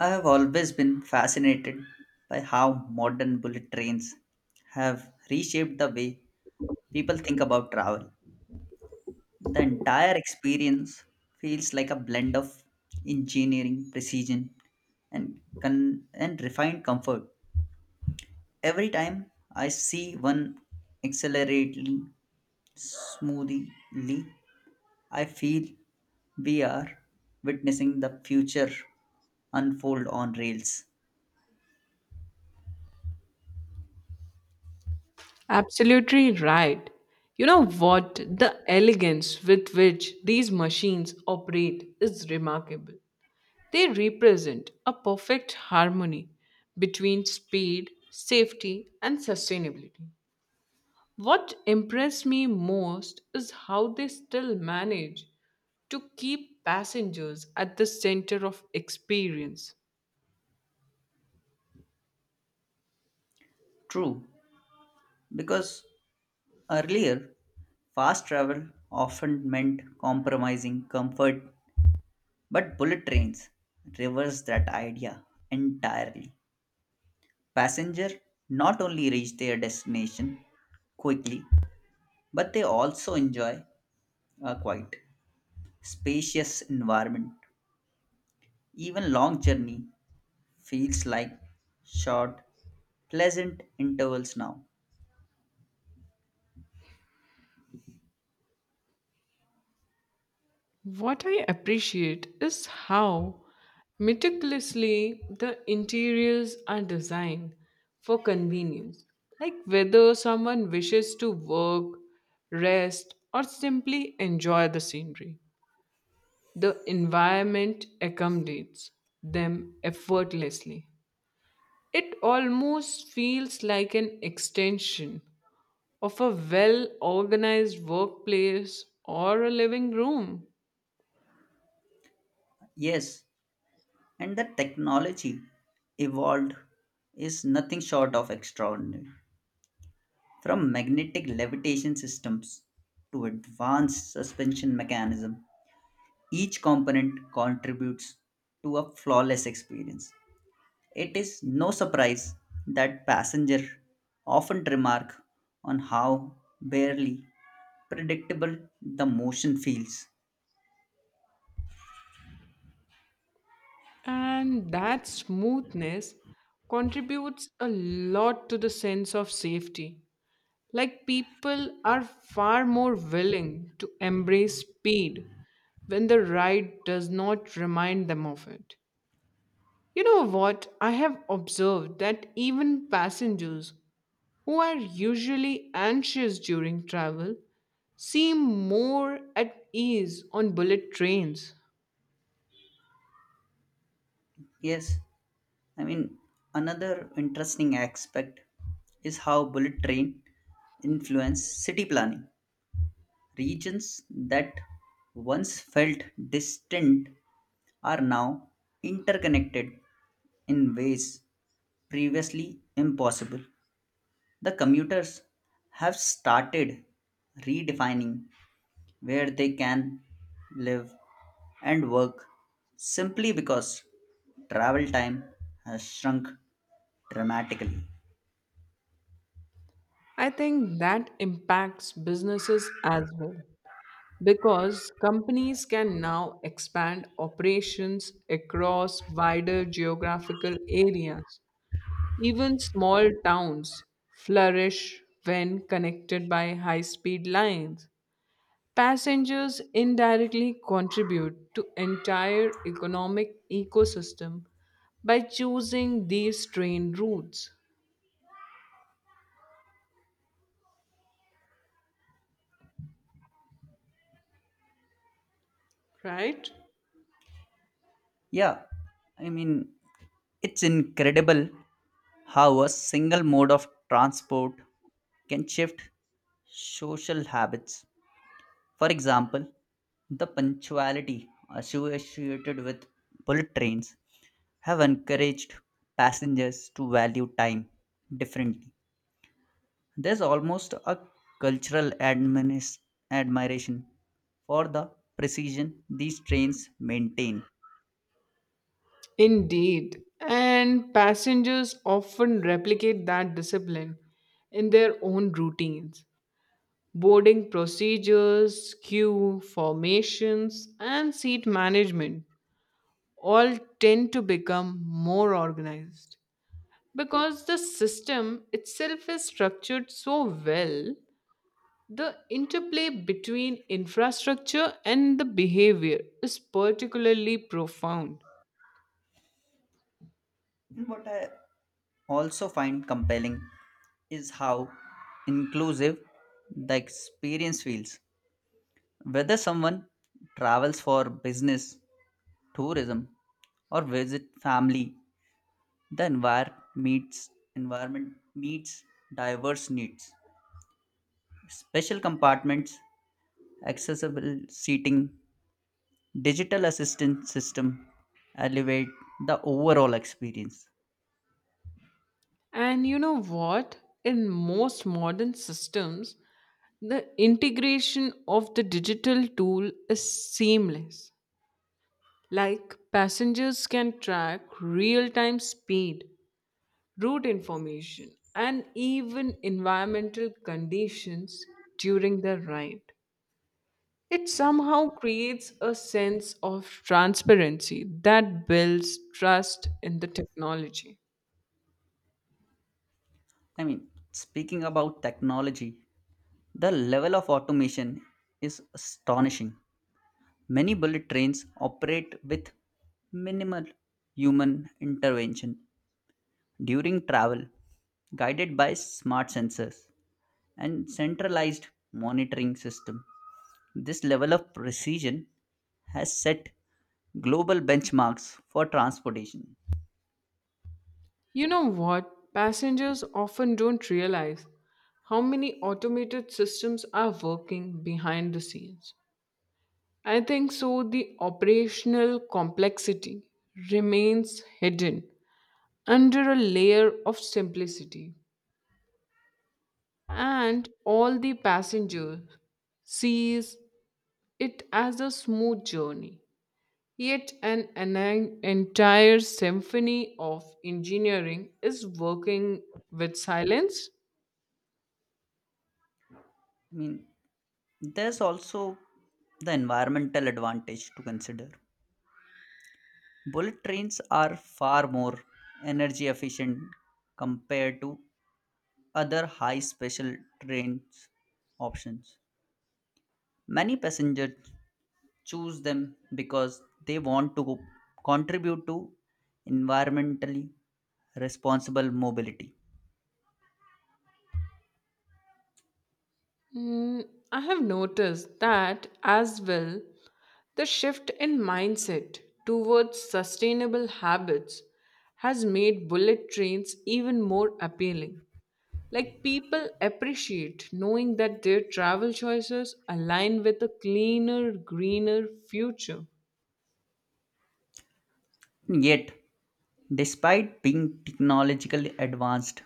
I have always been fascinated by how modern bullet trains have reshaped the way people think about travel. The entire experience feels like a blend of engineering, precision, and refined comfort. Every time I see one accelerating smoothly, I feel we are witnessing the future unfold on rails. Absolutely right. You know what? The elegance with which these machines operate is remarkable. They represent a perfect harmony between speed, safety, and sustainability. What impressed me most is how they still manage to keep passengers at the center of experience. True, because earlier, fast travel often meant compromising comfort, but bullet trains reversed that idea entirely. Passengers not only reach their destination quickly, but they also enjoy a quiet, spacious environment. Even long journey feels like short, pleasant intervals now. What I appreciate is how meticulously the interiors are designed for convenience. Like whether someone wishes to work, rest, or simply enjoy the scenery, the environment accommodates them effortlessly. It almost feels like an extension of a well organized workplace or a living room. Yes, and the technology evolved is nothing short of extraordinary. From magnetic levitation systems to advanced suspension mechanism, each component contributes to a flawless experience. It is no surprise that passengers often remark on how barely predictable the motion feels. And that smoothness contributes a lot to the sense of safety. Like people are far more willing to embrace speed when the ride does not remind them of it. You know what? I have observed that even passengers who are usually anxious during travel seem more at ease on bullet trains. Yes, I mean, another interesting aspect is how bullet train influence city planning. Regions that once felt distant are now interconnected in ways previously impossible. The commuters have started redefining where they can live and work simply because travel time has shrunk dramatically. I think that impacts businesses as well because companies can now expand operations across wider geographical areas. Even small towns flourish when connected by high speed lines. Passengers indirectly contribute to entire economic ecosystem by choosing these train routes, right? Yeah, I mean, it's incredible how a single mode of transport can shift social habits. For example, the punctuality associated with bullet trains have encouraged passengers to value time differently. There's almost a cultural admiration for the precision these trains maintain. Indeed, and passengers often replicate that discipline in their own routines. Boarding procedures, queue formations, and seat management all tend to become more organized. Because the system itself is structured so well, the interplay between infrastructure and the behavior is particularly profound. What I also find compelling is how inclusive the experience feels. Whether someone travels for business, tourism, or visit family, the environment meets diverse needs. Special compartments, accessible seating, digital assistance system elevate the overall experience. And you know what? In most modern systems, the integration of the digital tool is seamless. Like passengers can track real time speed, route information, and even environmental conditions during the ride. It somehow creates a sense of transparency that builds trust in the technology. Speaking about technology, the level of automation is astonishing. Many bullet trains operate with minimal human intervention during travel, guided by smart sensors and centralized monitoring system. This level of precision has set global benchmarks for transportation. You know what? Passengers often don't realize how many automated systems are working behind the scenes. I think so, the operational complexity remains hidden under a layer of simplicity, and all the passenger sees it as a smooth journey. Yet, an entire symphony of engineering is working with silence. I mean, there's also the environmental advantage to consider. Bullet trains are far more energy efficient compared to other high special trains options. Many passengers choose them because they want to contribute to environmentally responsible mobility. Mm, I have noticed that as well. The shift in mindset towards sustainable habits has made bullet trains even more appealing. Like people appreciate knowing that their travel choices align with a cleaner, greener future. Yet, despite being technologically advanced,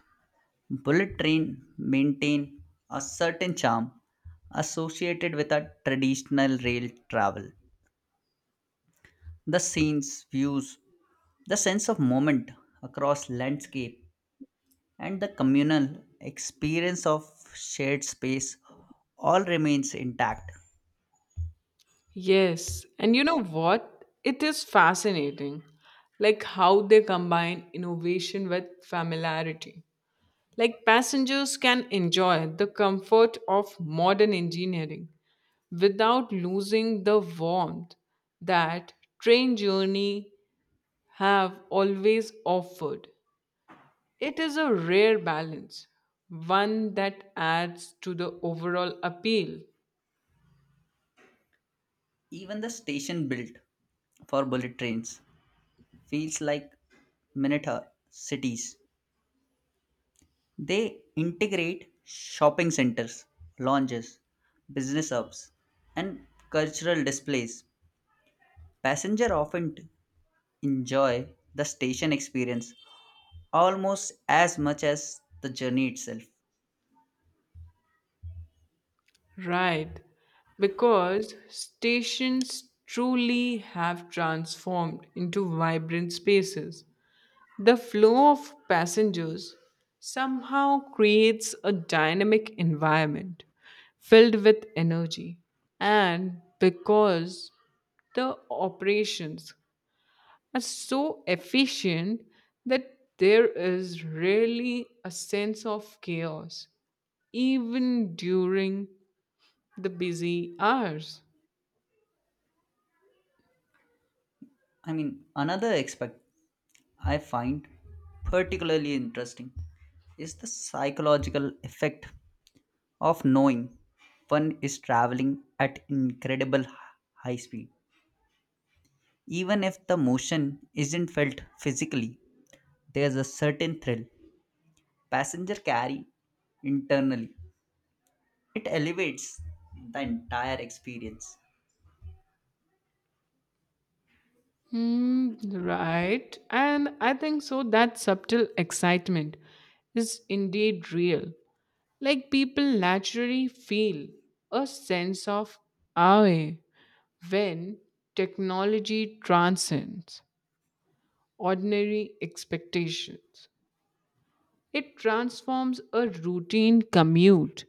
bullet train maintain a certain charm associated with a traditional rail travel. The scenes, views, the sense of moment across landscape, and the communal experience of shared space all remains intact. Yes, and you know what? It is fascinating, like how they combine innovation with familiarity. Like passengers can enjoy the comfort of modern engineering without losing the warmth that train journey have always offered. It is a rare balance, one that adds to the overall appeal. Even the station built for bullet trains feels like miniature cities. They integrate shopping centers, lounges, business hubs, and cultural displays. Passengers often enjoy the station experience almost as much as the journey itself. Right, because stations truly have transformed into vibrant spaces. The flow of passengers somehow creates a dynamic environment filled with energy. And because the operations are so efficient that there is really a sense of chaos, even during the busy hours. Another aspect I find particularly interesting is the psychological effect of knowing one is traveling at incredible high speed. Even if the motion isn't felt physically, there's a certain thrill passenger carry internally. It elevates the entire experience. Hmm, right. And I think so that subtle excitement is indeed real. Like people naturally feel a sense of awe when technology transcends ordinary expectations. It transforms a routine commute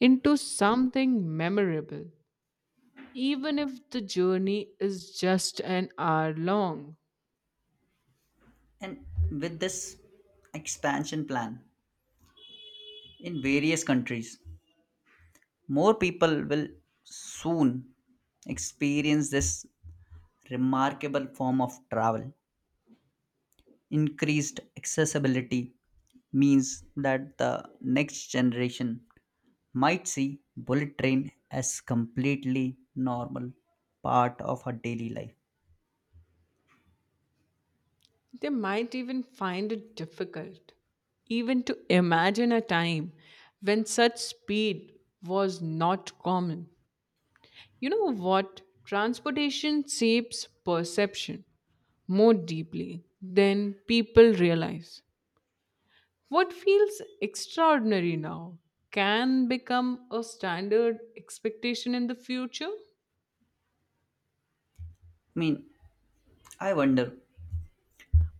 into something memorable, even if the journey is just an hour long. And with this expansion plan, in various countries. More people will soon experience this remarkable form of travel. Increased accessibility means that the next generation might see bullet train as completely normal part of her daily life. They might even find it difficult even to imagine a time when such speed was not common. You know what? Transportation shapes perception more deeply than people realize. What feels extraordinary now can become a standard expectation in the future. I mean, I wonder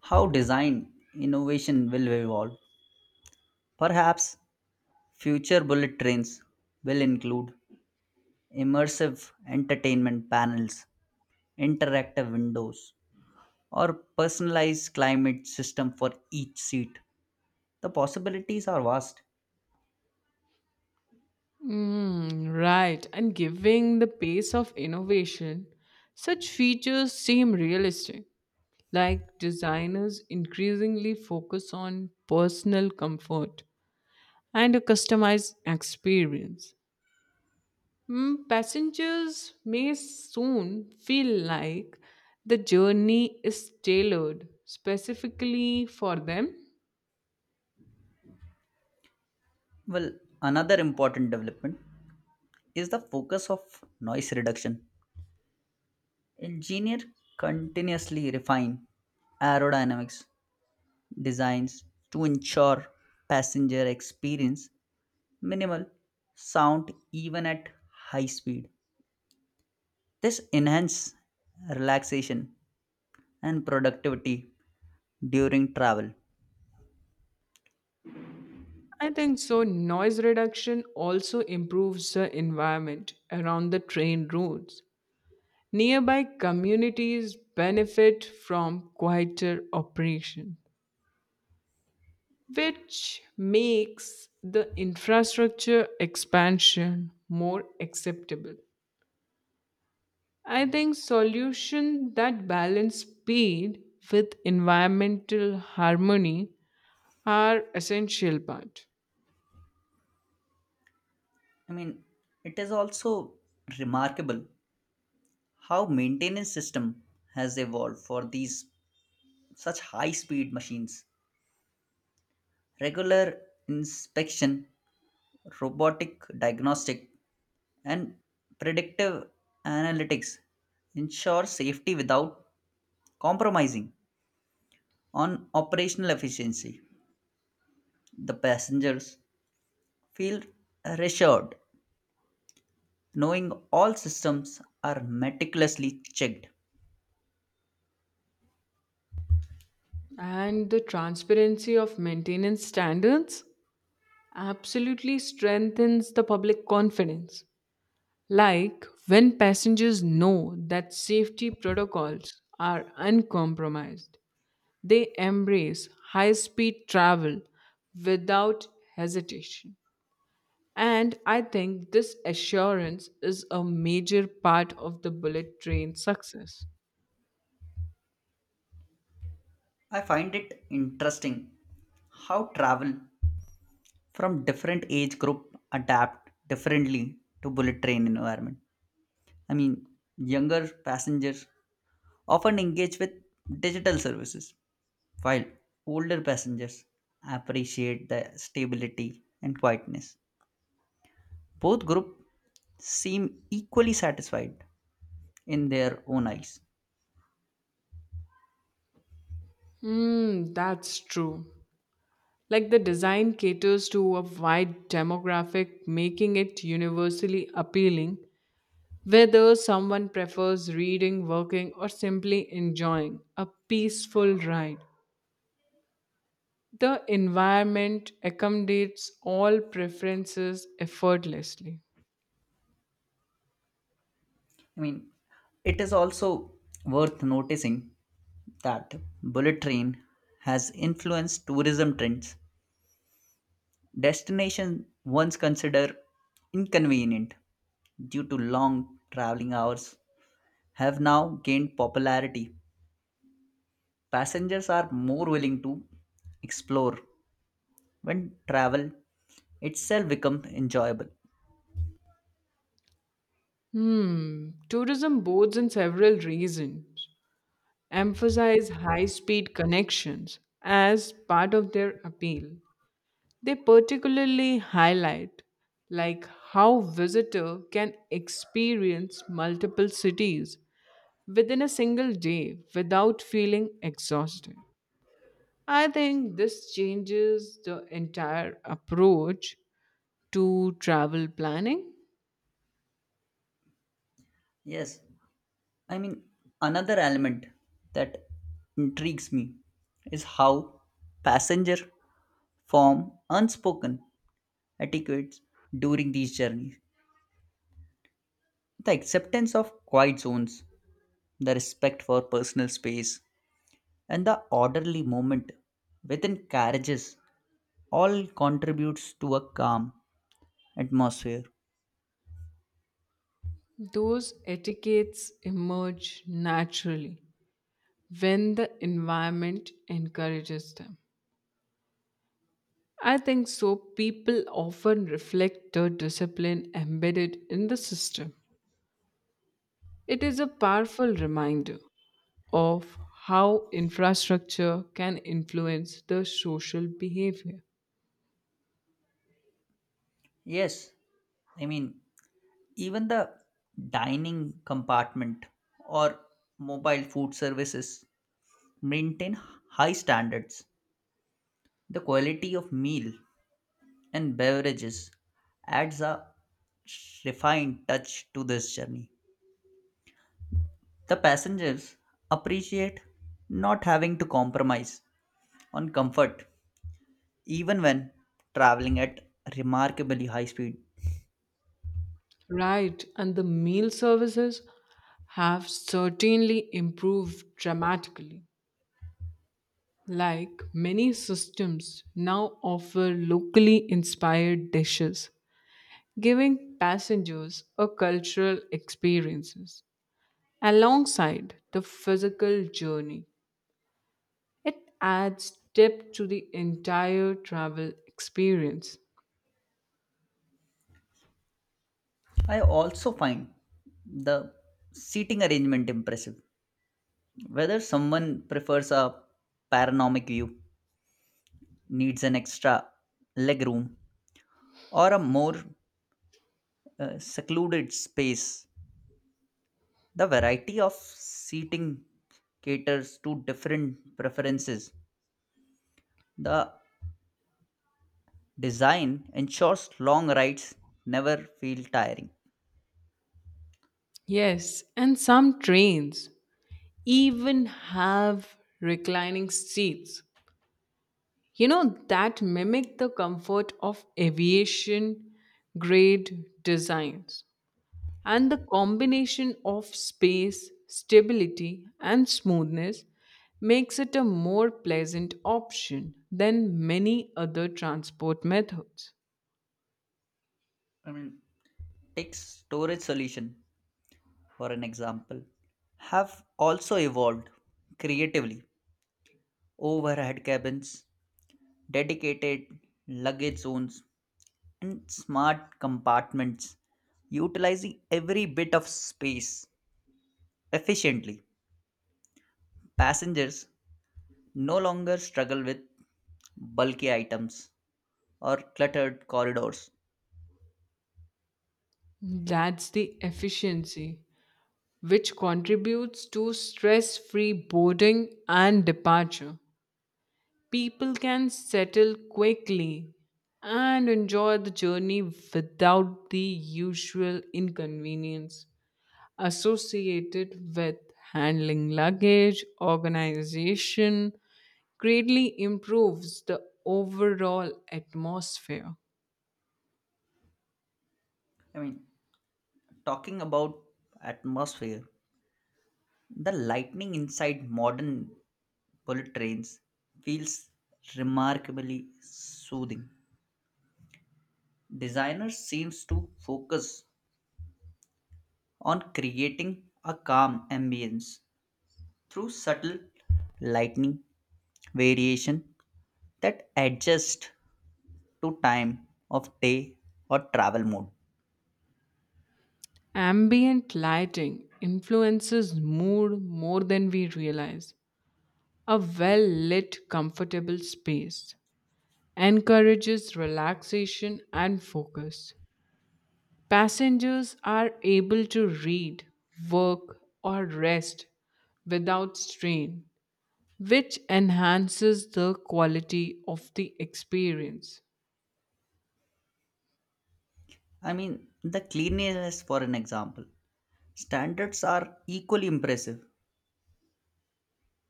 how design innovation will evolve. Perhaps future bullet trains will include immersive entertainment panels, interactive windows, or personalized climate system for each seat. The possibilities are vast. Mm, right, and giving the pace of innovation, such features seem realistic, like designers increasingly focus on personal comfort and a customized experience. Mm, passengers may soon feel like the journey is tailored specifically for them. Well, another important development is the focus of noise reduction. Engineers continuously refine aerodynamics designs to ensure passenger experience minimal sound even at high speed. This enhances relaxation and productivity during travel. I think so. Noise reduction also improves the environment around the train routes. Nearby communities benefit from quieter operation, which makes the infrastructure expansion more acceptable. I think solutions that balance speed with environmental harmony are essential part. I mean, it is also remarkable how maintenance system has evolved for these such high speed machines. Regular inspection, robotic diagnostic and predictive analytics ensure safety without compromising on operational efficiency. The passengers feel reassured knowing all systems are meticulously checked. And the transparency of maintenance standards absolutely strengthens the public confidence. Like when passengers know that safety protocols are uncompromised, they embrace high speed travel without hesitation. And I think this assurance is a major part of the bullet train success. I find it interesting how travel from different age group adapt differently to bullet train environment. I mean, Younger passengers often engage with digital services, while older passengers appreciate the stability and quietness. Both group seem equally satisfied in their own eyes. Hmm, that's true. Like the design caters to a wide demographic, making it universally appealing, whether someone prefers reading, working, or simply enjoying a peaceful ride. The environment accommodates all preferences effortlessly. I mean, it is also worth noticing that bullet train has influenced tourism trends. Destinations once considered inconvenient due to long traveling hours have now gained popularity. Passengers are more willing to explore when travel itself becomes enjoyable. Hmm, tourism boards in several reasons emphasize high speed connections as part of their appeal. They particularly highlight like how visitor can experience multiple cities within a single day without feeling exhausted. I think this changes the entire approach to travel planning. Yes, I mean, another element that intrigues me is how passenger form unspoken etiquettes during these journeys, the acceptance of quiet zones, the respect for personal space, and the orderly movement within carriages all contributes to a calm atmosphere. Those etiquettes emerge naturally when the environment encourages them. I think so. People often reflect the discipline embedded in the system. It is a powerful reminder of how infrastructure can influence the social behavior. Yes, I mean, even the dining compartment or mobile food services maintain high standards. The quality of meal and beverages adds a refined touch to this journey. The passengers appreciate not having to compromise on comfort even when traveling at remarkably high speed. Right, and the meal services have certainly improved dramatically. Like many systems now offer locally inspired dishes, giving passengers a cultural experiences. Alongside the physical journey, it adds depth to the entire travel experience. I also find the seating arrangement impressive. Whether someone prefers a panoramic view, needs an extra leg room, or a more secluded space. The variety of seating caters to different preferences. The design ensures long rides never feel tiring. Yes, and some trains even have reclining seats. You know, that mimic the comfort of aviation grade designs. And the combination of space, stability, and smoothness makes it a more pleasant option than many other transport methods. I mean, Take storage solution for an example, have also evolved creatively. Overhead cabins, dedicated luggage zones, and smart compartments utilizing every bit of space efficiently. Passengers no longer struggle with bulky items or cluttered corridors. That's the efficiency, which contributes to stress free boarding and departure. People can settle quickly and enjoy the journey without the usual inconvenience associated with handling luggage organization greatly improves the overall atmosphere. I mean, Talking about atmosphere, the lightning inside modern bullet trains feels remarkably soothing. Designers seems to focus on creating a calm ambience through subtle lightning variation that adjust to time of day or travel mode. Ambient lighting influences mood more than we realize. A well lit, comfortable space encourages relaxation and focus. Passengers are able to read, work, or rest without strain, which enhances the quality of the experience. The cleanliness, for an example, standards are equally impressive.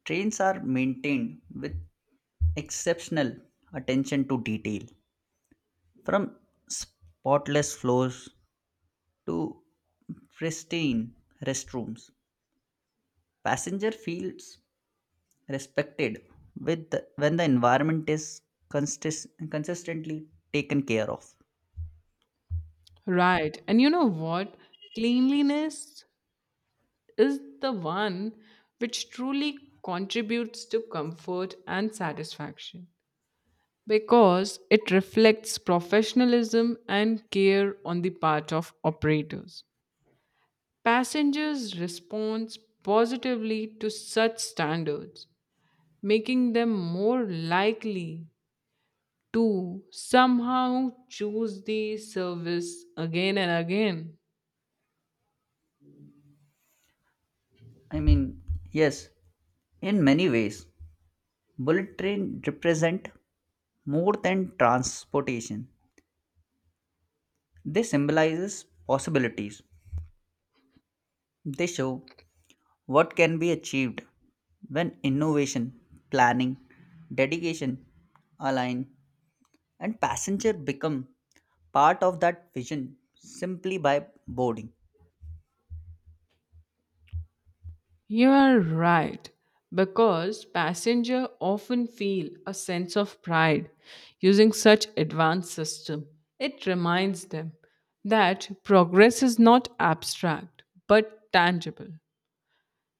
Trains are maintained with exceptional attention to detail, from spotless floors to pristine restrooms. Passenger feels respected when the environment is consistently taken care of. Right. And you know what? Cleanliness is the one which truly contributes to comfort and satisfaction because it reflects professionalism and care on the part of operators. Passengers respond positively to such standards, making them more likely to somehow choose the service again and again. I mean, yes, in many ways, bullet train represent more than transportation. They symbolizes possibilities. They show what can be achieved when innovation, planning, dedication align and passenger become part of that vision simply by boarding. You are right, because passenger often feel a sense of pride using such advanced system. It reminds them that progress is not abstract but tangible.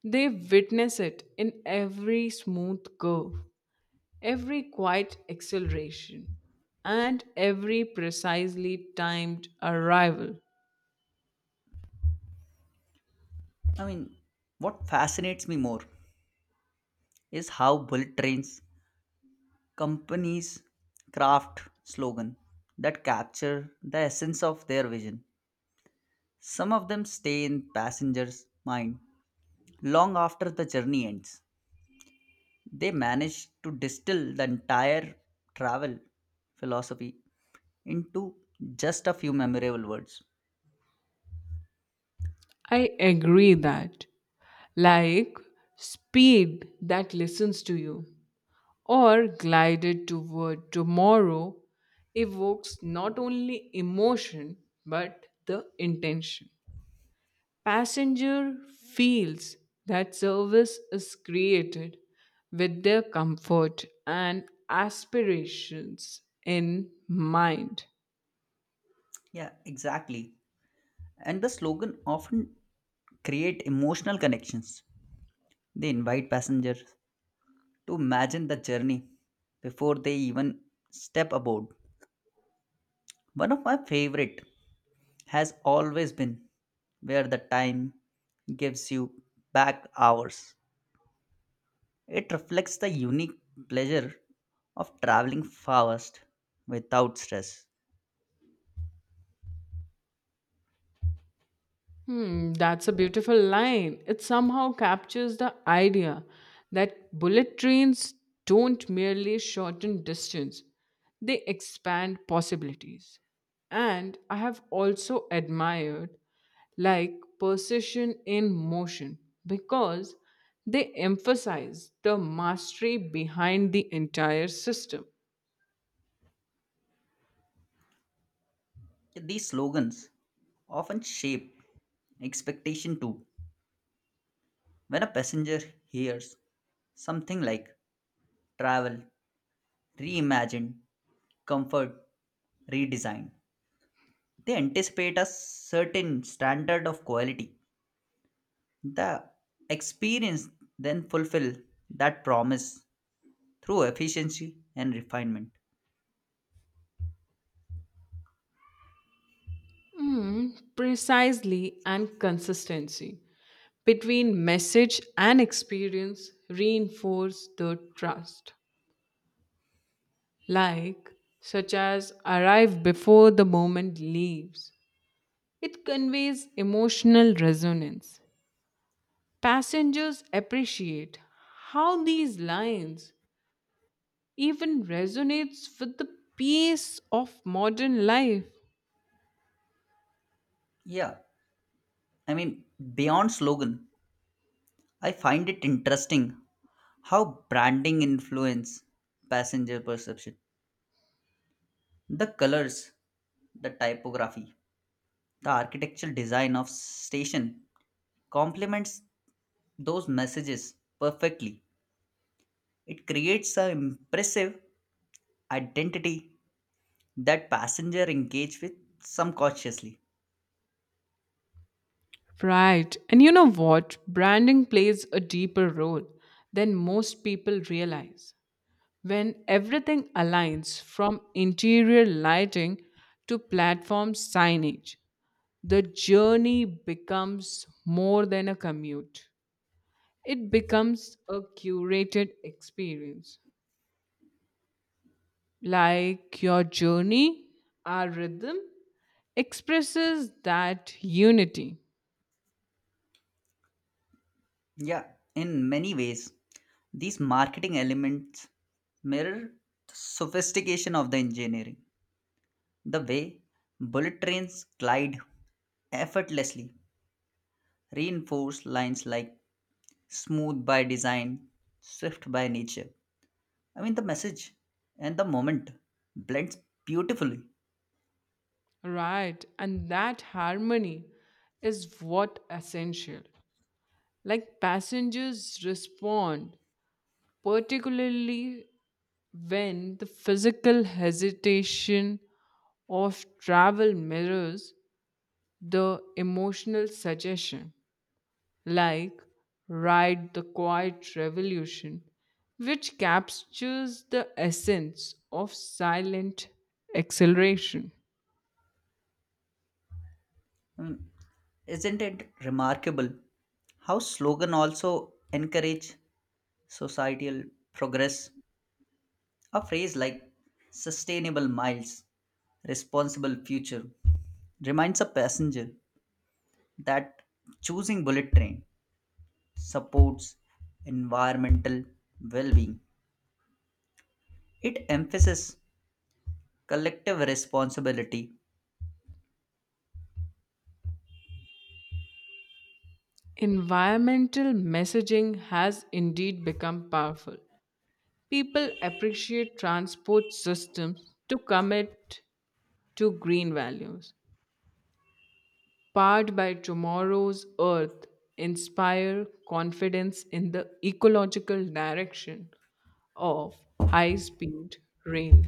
They witness it in every smooth curve, every quiet acceleration, and every precisely timed arrival. I mean, what fascinates me more is how bullet trains companies craft slogan that capture the essence of their vision. Some of them stay in passengers' mind long after the journey ends. They manage to distill the entire travel philosophy into just a few memorable words. I agree that, like speed that listens to you, or glided toward tomorrow, evokes not only emotion but the intention. Passenger feels that service is created with their comfort and aspirations in mind. Yeah, exactly. And the slogan often create emotional connections. They invite passengers to imagine the journey before they even step aboard. One of my favorite has always been "where the time gives you back hours." It reflects the unique pleasure of traveling fast without stress. Hmm, that's a beautiful line. It somehow captures the idea that bullet trains don't merely shorten distance, they expand possibilities. And I have also admired like precision in motion because they emphasize the mastery behind the entire system. These slogans often shape expectation too. When a passenger hears something like "travel, reimagined, comfort, redesign," they anticipate a certain standard of quality. The experience then fulfill that promise through efficiency and refinement. Mm, precisely and consistency between message and experience reinforce the trust, like such as arrive before the moment leaves, it conveys emotional resonance. Passengers appreciate how these lines even resonates with the pace of modern life. Yeah, I mean, beyond slogan, I find it interesting how branding influence passenger perception. The colors, the typography, the architectural design of station complements those messages perfectly. It creates an impressive identity that passenger engage with some cautiously. Right, and you know what, branding plays a deeper role than most people realize. When everything aligns from interior lighting to platform signage, the journey becomes more than a commute. It becomes a curated experience. Like your journey, our rhythm expresses that unity, Yeah, in many ways, these marketing elements mirror the sophistication of the engineering. The way bullet trains glide effortlessly reinforce lines like "smooth by design, swift by nature." The message and the moment blends beautifully. right? And that harmony is what essential, like passengers respond particularly when the physical hesitation of travel mirrors the emotional suggestion, like Ride the Quiet Revolution, which captures the essence of silent acceleration. I mean, isn't it remarkable how slogan also encourage societal progress? A phrase like "sustainable miles, responsible future" reminds a passenger that choosing bullet train supports environmental well-being. It emphasizes collective responsibility. Environmental messaging has indeed become powerful. People appreciate transport systems to commit to green values powered by tomorrow's earth, inspire confidence in the ecological direction of high speed rail.